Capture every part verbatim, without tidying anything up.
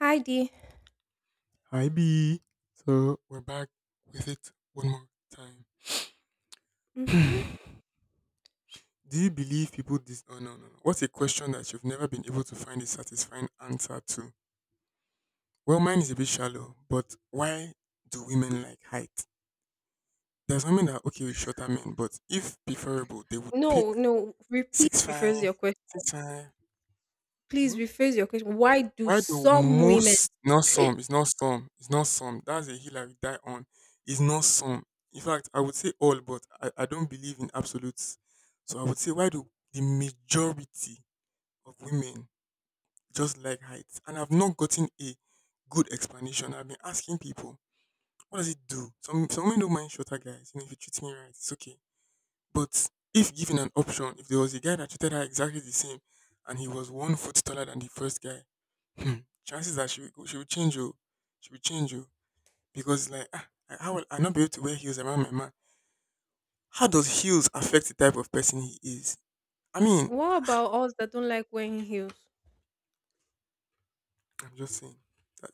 Hi dear. Hi B. So we're back with it one more time. Mhm. Do you believe people dis oh no no no. What's a question that you've never been able to find a satisfying answer to? Well mine is a bit shallow, but why do women like height? There's women that are okay with shorter men, but if preferable, they would pick No, no. Re Please six rephrase five, your question. six five. Please Hmm? rephrase your question. Why do Why do some women... most, not some, it's not some, it's not some. That's a hill I will die on. It's not some. In fact, I would say all, but I, I don't believe in absolutes. So I would say why do the majority of women just like heights? And I've not gotten a good explanation. I've been asking people, what does it do? Some some women don't mind shorter guys, you know, if you treat me right, it's okay. But if given an option, if there was a guy that treated her exactly the same and he was one foot taller than the first guy, hmm, chances are she will, go- she will change you. She will change you because like ah, I, how will I not be able to wear heels around my man? How does heels affect the type of person he is? I mean, What about us that don't like wearing heels? I'm just saying. That,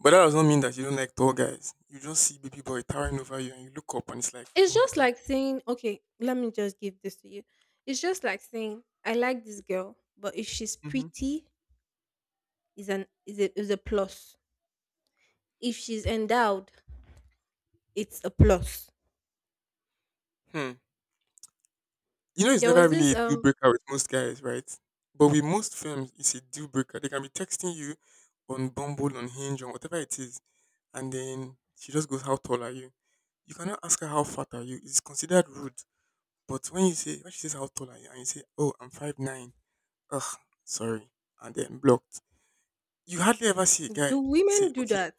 but that does not mean that you don't like tall guys. You just see baby boy towering over you and you look up and it's like, oh It's my just god. like saying, okay, let me just give this to you. It's just like saying, I like this girl, but if she's Hmm. pretty, is an is a, is a plus. If she's endowed, it's a plus. Hmm. You know, it's There never was really this a deal um. breaker with most guys, right? But with most films, it's a deal breaker. They can be texting you on Bumble, on Hinge, on whatever it is and then she just goes, "How tall are you?" You cannot ask her how fat are you. It's considered rude. But when you say when she says how tall are you and you say, "Oh, I'm five nine," ugh, sorry, and then blocked. You hardly ever see a guy Do say, women do "Okay, that?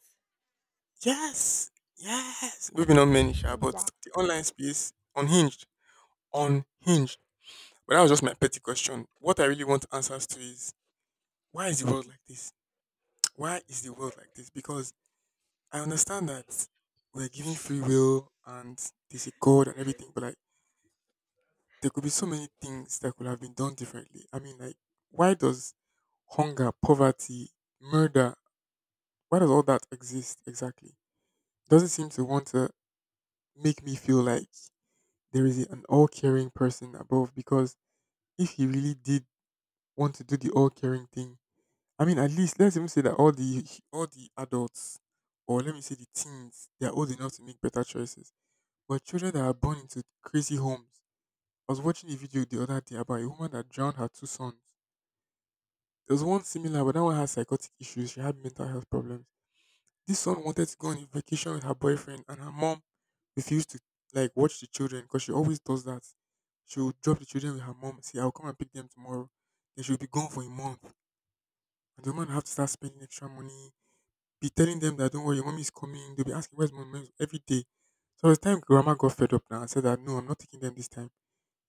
yes, yes." Maybe not many, sure, but Wow. the online space unhinged, unhinged. But that was just my petty question. What I really want answers to is why is the Hmm? world like this? Why is the world like this? Because I understand that we're giving free will and there's a God and everything, but like there could be so many things that could have been done differently. I mean, like why does hunger, poverty, murder, why does all that exist exactly? Does not seem to want to make me feel like there is an all-caring person above? Because if he really did want to do the all-caring thing, I mean, at least let's even say that all the all the adults, or let me say the teens, they are old enough to make better choices. But children that are born into crazy homes. I was watching a video the other day about a woman that drowned her two sons. There was one similar, but that one had psychotic issues. She had mental health problems. This son wanted to go on a vacation with her boyfriend, and her mom refused to like watch the children because she always does that. She will drop the children with her mom, say, I'll come and pick them tomorrow. Then she'll be gone for a month. And the woman have to start spending extra money, be telling them that don't worry, your mommy is coming. They'll be asking, "Where's my mom?" every day. So by the time grandma got fed up now and said that no, I'm not taking them this time.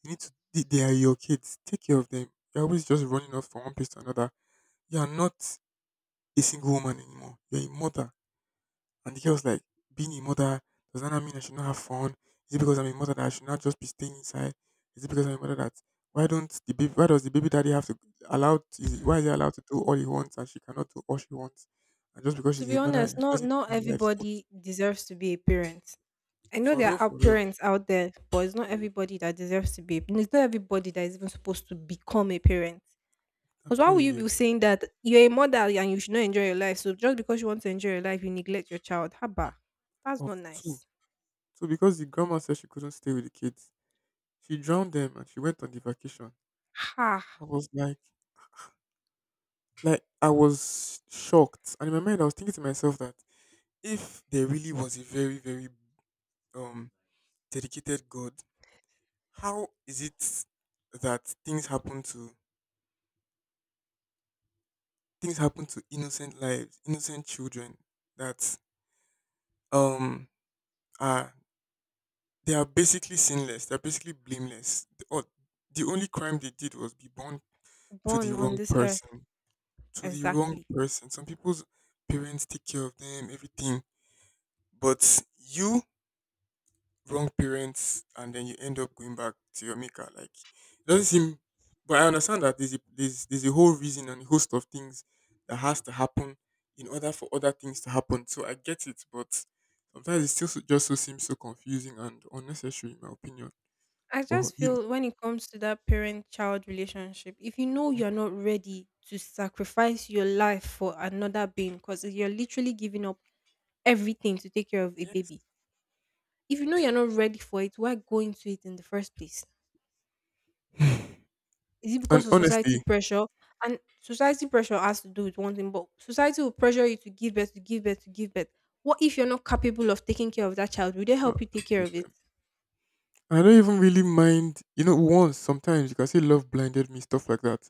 You need to they they are your kids. Take care of them. You're always just running off from one place to another. You are not a single woman anymore. You're a mother. And the girl's like, being a mother, does that not mean I should not have fun? Is it because I'm a mother that I should not just be staying inside? Is it because I'm a mother that why don't the baby why does the baby daddy have to allow is it, why is he allowed to do all he wants and she cannot do all she wants? And just because To she's be a mother, honest, it not doesn't not mean her life stops. everybody deserves to be a parent. I know For there real, are for real. parents out there, but it's not everybody that deserves to be. It's not everybody that is even supposed to become a parent. I'm Because why would telling you you. be saying that you're a mother and you should not enjoy your life? So just because you want to enjoy your life, you neglect your child. Haba, that's Of not two. nice. So because the grandma said she couldn't stay with the kids, she drowned them and she went on the vacation. Ha, I was like, like I was shocked. And in my mind, I was thinking to myself that if there really was a very, very um dedicated God, how is it that things happen to things happen to innocent lives, innocent children that um are they are basically sinless, they're basically blameless. The, or, the only crime they did was be born to the born on wrong this earth, person. to the wrong exactly. person. Some people's parents take care of them, everything, but you wrong parents, and then you end up going back to your maker. Like it doesn't seem, but I understand that there's a, there's there's a whole reason and a host of things that has to happen in order for other things to happen. So I get it, but sometimes it still so, just so seems so confusing and unnecessary, in my opinion. I But just you know, feel when it comes to that parent-child relationship, if you know you're not ready to sacrifice your life for another being, because you're literally giving up everything to take care of a yes, baby. If you know you're not ready for it, why go into it in the first place? Is it and because of society honestly. pressure? And society pressure has to do with one thing, but society will pressure you to give birth, to give birth, to give birth. What if you're not capable of taking care of that child? Will they uh, help you take care of it? I don't even really mind. You know, once sometimes you can say love blinded me, stuff like that.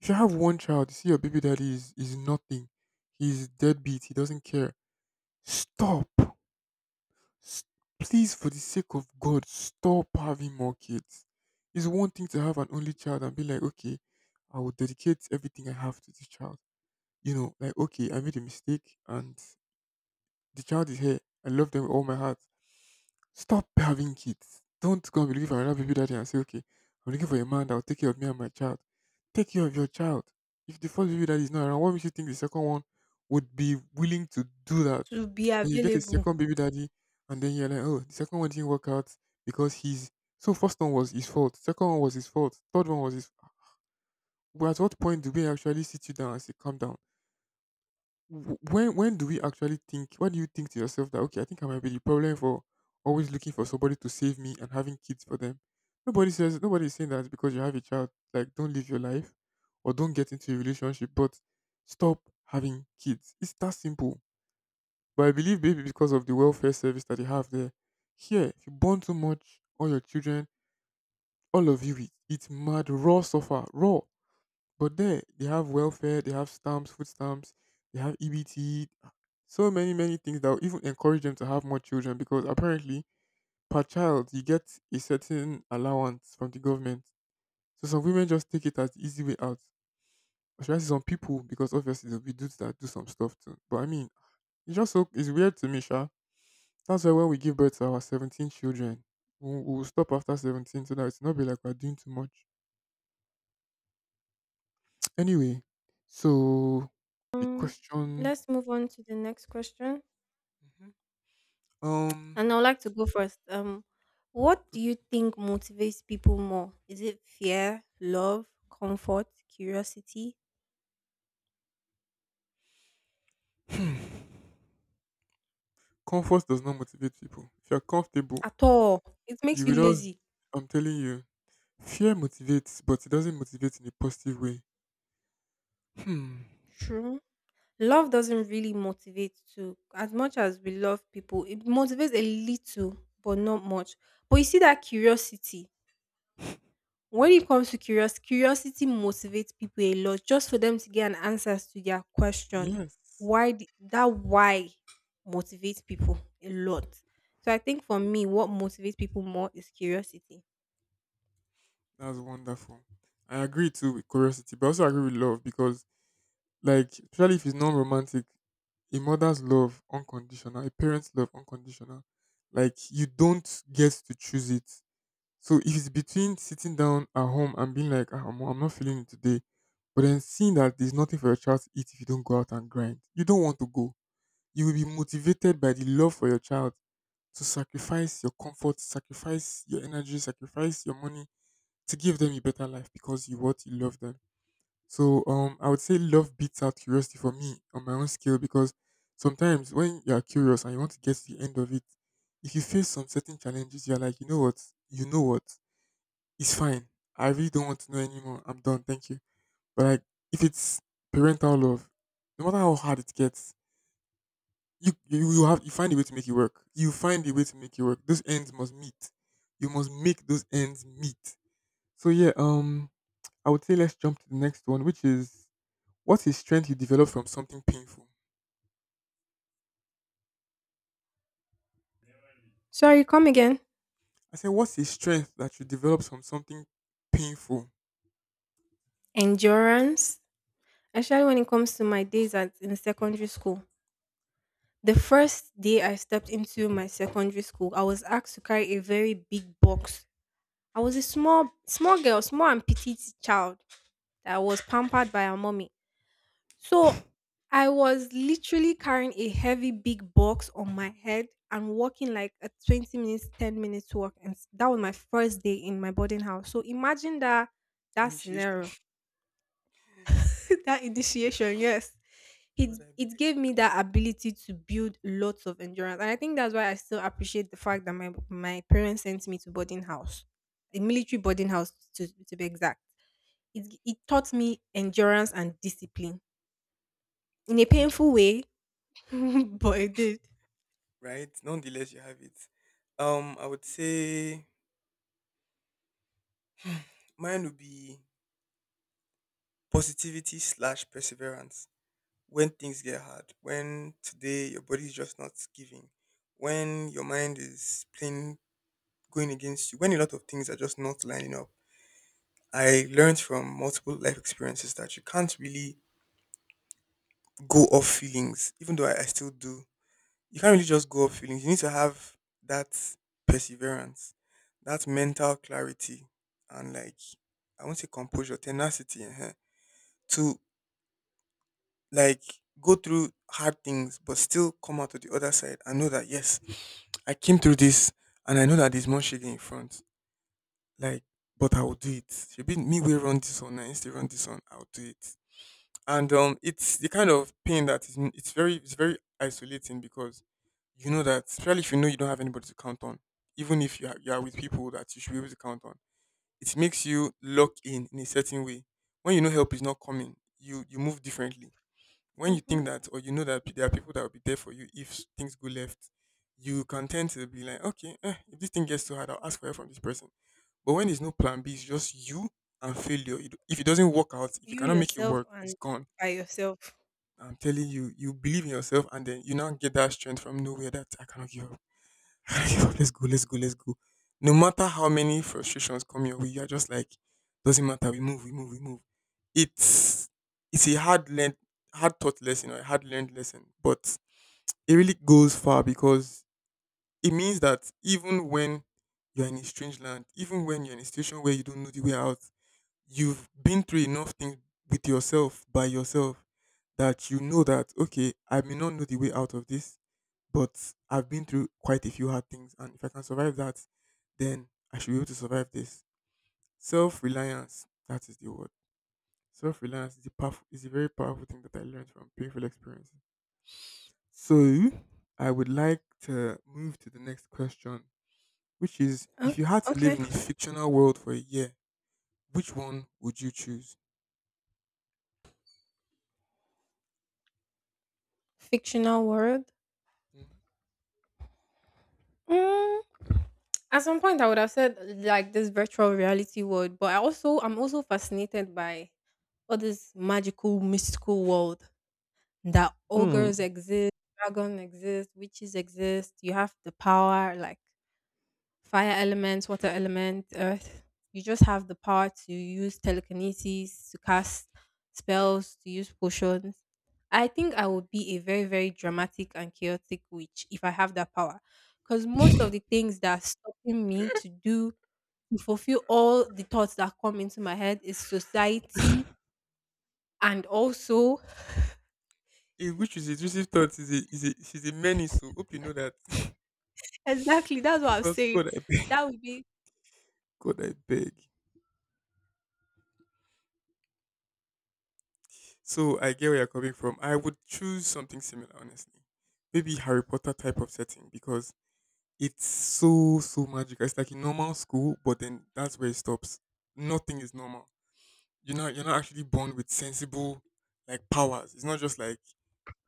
If you have one child, you see your baby daddy is is nothing. He's deadbeat. He doesn't care. Stop. S- Please, for the sake of God, stop having more kids. It's one thing to have an only child and be like, okay, I will dedicate everything I have to this child. You know, like okay, I made a mistake and the child is here. I love them with all my heart. Stop having kids. Don't go and be looking for another baby daddy and say, okay, I'm looking for a man that will take care of me and my child. Take care of your child. If the first baby daddy is not around, what makes you think the second one would be willing to do that? To be Then you get a available. second baby daddy, and then you're like, oh, the second one didn't work out because he's. So, first one was his fault. Second one was his fault. Third one was his. But at what point do we actually sit you down and say, calm down? W- when when do we actually think when do you think to yourself that okay I think I might be the problem for always looking for somebody to save me and having kids for them. Nobody says nobody is saying that because you have a child like don't live your life or don't get into a relationship, but stop having kids, it's that simple. But I believe maybe because of the welfare service that they have there, here if you born too much all your children, all of you, it it's mad raw suffer raw. But there, they have welfare, they have stamps, food stamps, they have E B T, so many, many things that will even encourage them to have more children because apparently, per child, you get a certain allowance from the government. So some women just take it as the easy way out. Or should I say some people, because obviously there'll be dudes that do some stuff too. But I mean, it's just so, it's weird to me, Sha. That's why when we give birth to our seventeen children, we'll, we'll stop after seventeen so that it's not be like we're doing too much. Anyway, so the Um, question. let's move on to the next question. Um, And I'd like to go first. Um, what do okay. you think motivates people more? Is it fear, love, comfort, curiosity? Hmm. Comfort does not motivate people. If you're comfortable, At all. It makes you you will just, lazy. I'm telling you, fear motivates, but it doesn't motivate in a positive way. Hmm. True. Love doesn't really motivate to as much as we love people. It motivates a little, but not much. But you see that curiosity. When it comes to curious, curiosity motivates people a lot just for them to get an answer to their question. Yes, Why the, that why motivates people a lot. So I think for me, what motivates people more is curiosity. that's wonderful. I agree too with curiosity, but I also agree with love because, like, especially if it's non-romantic, a mother's love unconditional, a parent's love unconditional. Like, you don't get to choose it. So if it's between sitting down at home and being like, "Ah, I'm, I'm not feeling it today," but then seeing that there's nothing for your child to eat if you don't go out and grind, you don't want to go. You will be motivated by the love for your child to sacrifice your comfort, sacrifice your energy, sacrifice your money to give them a better life because you what you love them. So um, I would say love beats out curiosity for me on my own scale because sometimes when you are curious and you want to get to the end of it, if you face some certain challenges, you're like, you know what, you know what, it's fine. I really don't want to know anymore. I'm done. Thank you. But like, if it's parental love, no matter how hard it gets, you you, you have you find a way to make it work. You find a way to make it work. Those ends must meet. You must make those ends meet. So yeah, um, I would say let's jump to the next one, which is what's a strength you develop from something painful. Sorry, come again. I said, what's a strength that you develop from something painful? Endurance. Especially when it comes to my days at in secondary school. The first day I stepped into my secondary school, I was asked to carry a very big box. I was a small, small girl, small and petite child that was pampered by her mommy. So I was literally carrying a heavy big box on my head and walking like a twenty minutes, ten minutes walk. And s- that was my first day in my boarding house. So imagine that that Initiation. scenario that initiation, yes. It God, I it beg. gave me that ability to build lots of endurance. And I think that's why I still appreciate the fact that my my parents sent me to boarding house. A military boarding house to, to be exact. It it taught me endurance and discipline in a Hmm. painful way, but it did. Right. Nonetheless, you have it. Um, I would say mine would be positivity slash perseverance. When things get hard, when today your body is just not giving, when your mind is playing going against you, when a lot of things are just not lining up. I learned from multiple life experiences that you can't really go off feelings, even though I, I still do. You can't really just go off feelings. You need to have that perseverance, that mental clarity, and like I won't say composure, tenacity, uh to like go through hard things but still come out to the other side and know that yes, I came through this and I know that there's more shady in front. Like, but I will do it. Should be me will run this one, I instead run this one, I'll do it. And um it's the kind of pain that is it's very it's very isolating because you know that, especially if you know you don't have anybody to count on, even if you are, you are with people that you should be able to count on, it makes you lock in in a certain way. When you know help is not coming, you you move differently when you think Hmm. that or you know that there are people that will be there for you if s- things go left, you can tend to be like, okay, eh, if this thing gets too hard, I'll ask for help from this person. But when there's no plan B, it's just you and failure. You If it doesn't work out, if you You cannot make it yourself work, it's and gone. by yourself. I'm telling you, you believe in yourself, and then you now get that strength from nowhere that I cannot give up. Let's go, let's go, let's go. No matter how many frustrations come your way, you're just like, doesn't matter, we move, we move, we move. It's it's a hard learned hard taught lesson or a hard learned lesson. But it really goes far because it means that even when you're in a strange land, even when you're in a situation where you don't know the way out, you've been through enough things with yourself, by yourself, that you know that, okay, I may not know the way out of this but I've been through quite a few hard things, and if I can survive that, then I should be able to survive this. Self reliance, that is the word. Self reliance is a powerful, is a very powerful thing that I learned from painful experiences. So I would like to move to the next question, which is: Oh, if you had to live okay. in a fictional world for a year, which one would you choose? Fictional world. Mhm. Mm, at some point, I would have said like this virtual reality world, but I also I'm also fascinated by all this magical, mystical world that Hmm. ogres exist, dragon exist, witches exist. You have the power, like fire element, water element, earth. You just have the parts. You use telekinesis to cast spells, to use potions. I think I would be a very, very dramatic and chaotic witch if I have that power. Because most of the things that are stopping me to do, to fulfill all the thoughts that come into my head is society and also, Eh, which is, intrusive thoughts is a is a is a menace. So hope you know that, exactly, that's what I'm because saying. God I beg, That would be God I beg. So I get where you're coming from. I would choose something similar, honestly. Maybe Harry Potter type of setting because it's so so magical. It's like a normal school, but then that's where it stops. Nothing is normal. You're not you're not actually born with sensible like powers. It's not just like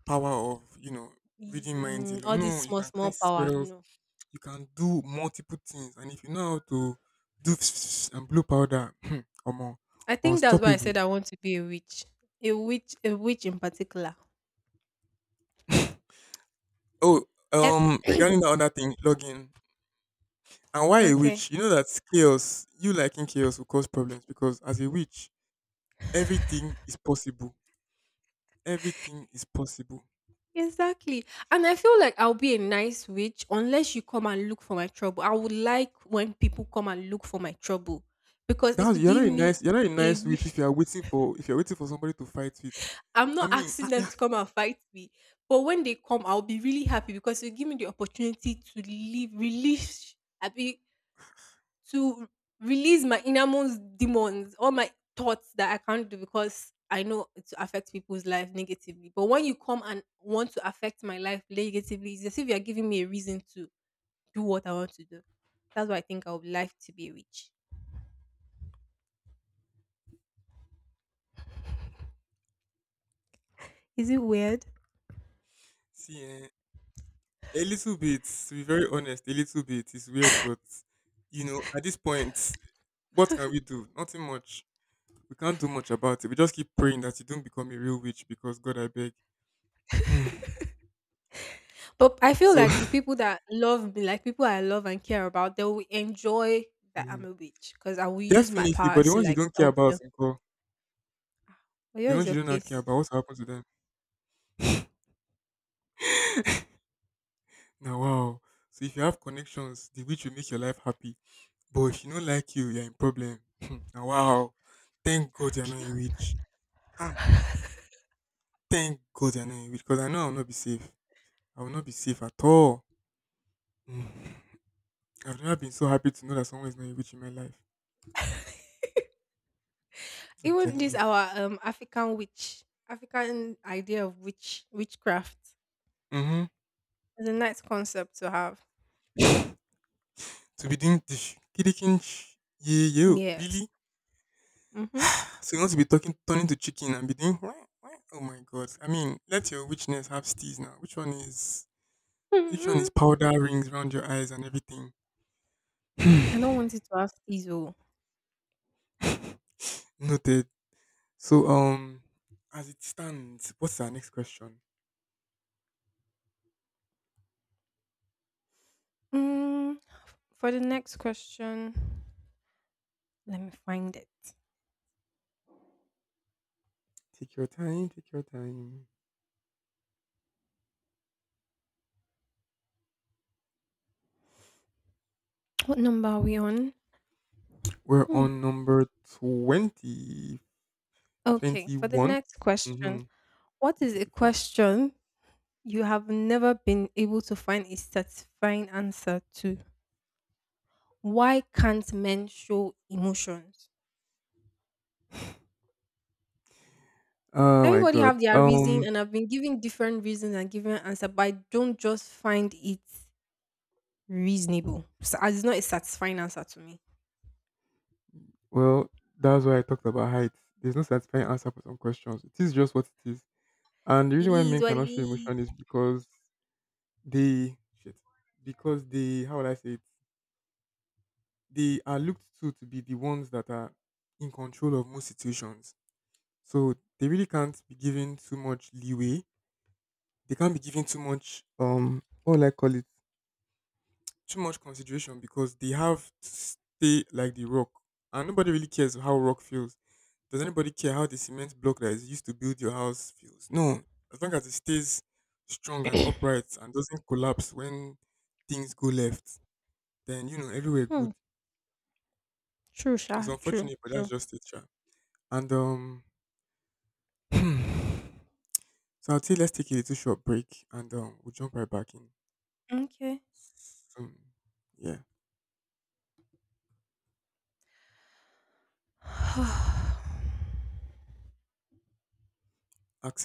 power of you know reading minds mm, alone. all this No, you small, can small cast power. spells. No. You can do multiple things, and if you know how to do and blue powder, or more, I think that's why I said unstoppable. I want to be a witch. A witch, a witch in particular. Oh, Let, um, regarding the other thing, login. And why a okay. witch? You know that chaos, you liking chaos will cause problems because as a witch, everything is possible. Everything is possible. Exactly. And I feel like I'll be a nice witch unless you come and look for my trouble. I would like when people come and look for my trouble because it That's, will you're give not a me nice you're not a nice a. witch if you are waiting for, if you're waiting for somebody to fight with. I'm I not mean, ah, asking them eh, to come and fight me, but when they come, I'll be really happy because it will give me the opportunity to leave, release. To release my innermost demons, all my thoughts that I can't do because I know it affects people's life negatively. But when you come and want to affect my life negatively, it's as if you're giving me a reason to do what I want to do. That's why I think I would like to be rich. Is it weird? see, eh, a little bit. To be very honest, a little bit is weird, but you know, at this point, what can we do? Nothing much. We can't do much about it. We just keep praying that you don't become a real witch because God, I beg. Mm. But I feel So. like the people that love me, like people I love and care about, they will enjoy that I'm Mhm. a witch because I will use my Definitely, but the powers to ones you like don't care help about, them. But the yours is ones your you do not care case. about, what happens to them? Now, wow. So if you have connections, the which will make your life happy. But if you don't like you, you're in problem. Now, wow. Thank God you're not a witch. Ah, thank God you're not a witch. Because I know I'll not be safe. I will not be safe at all. Mm. I've never been so happy to know that someone is not a witch in my life. I'm Even telling this you. our um African witch, African idea of witch witchcraft Mm-hmm. is a nice concept to have. To be doing this. Kidikinch. Yeah, yo. Yes. Really? Mm-hmm. So you want to be talking, turning to chicken and be doing wah, wah. Oh my god! I mean, let your witchness have steez now. Which one is which one mm. is powder rings around your eyes and everything? I don't want it to have these. Oh. Noted. So um, as it stands, what's our next question? Mm, for the next question, let me find it. Take your time. Take your time. What number are we on? We're Hmm. on number twenty, Okay, for the twenty-one. next question, Mm-hmm. what is a Thirty-four. question you have never been able to find a satisfying answer to? Why can't men show emotions? Oh my Everybody god. have their reason Um. and I've been giving different reasons and giving an answer but I don't just find it reasonable so it's not a satisfying answer to me. Well, that's why I talked about height. There's no satisfying answer for some questions. It is just what it is. And the It reason why is men what it cannot show is. emotion is because they shit, because they, how would I say it? They are looked to to be the ones that are in control of most situations. So they really can't be given too much leeway. They can't be given too much, um, what will I call it? Too much consideration because they have to stay like the rock. And nobody really cares how rock feels. Does anybody care how the cement block that is used to build your house feels? No. As long as it stays strong and upright and doesn't collapse when things go left, then you know everywhere Hmm. good. True It's sha, true unfortunate, but that's true. just it, sha. And um, so I'll say let's take a little short break and um, we'll jump right back in. Okay. Um, yeah, access.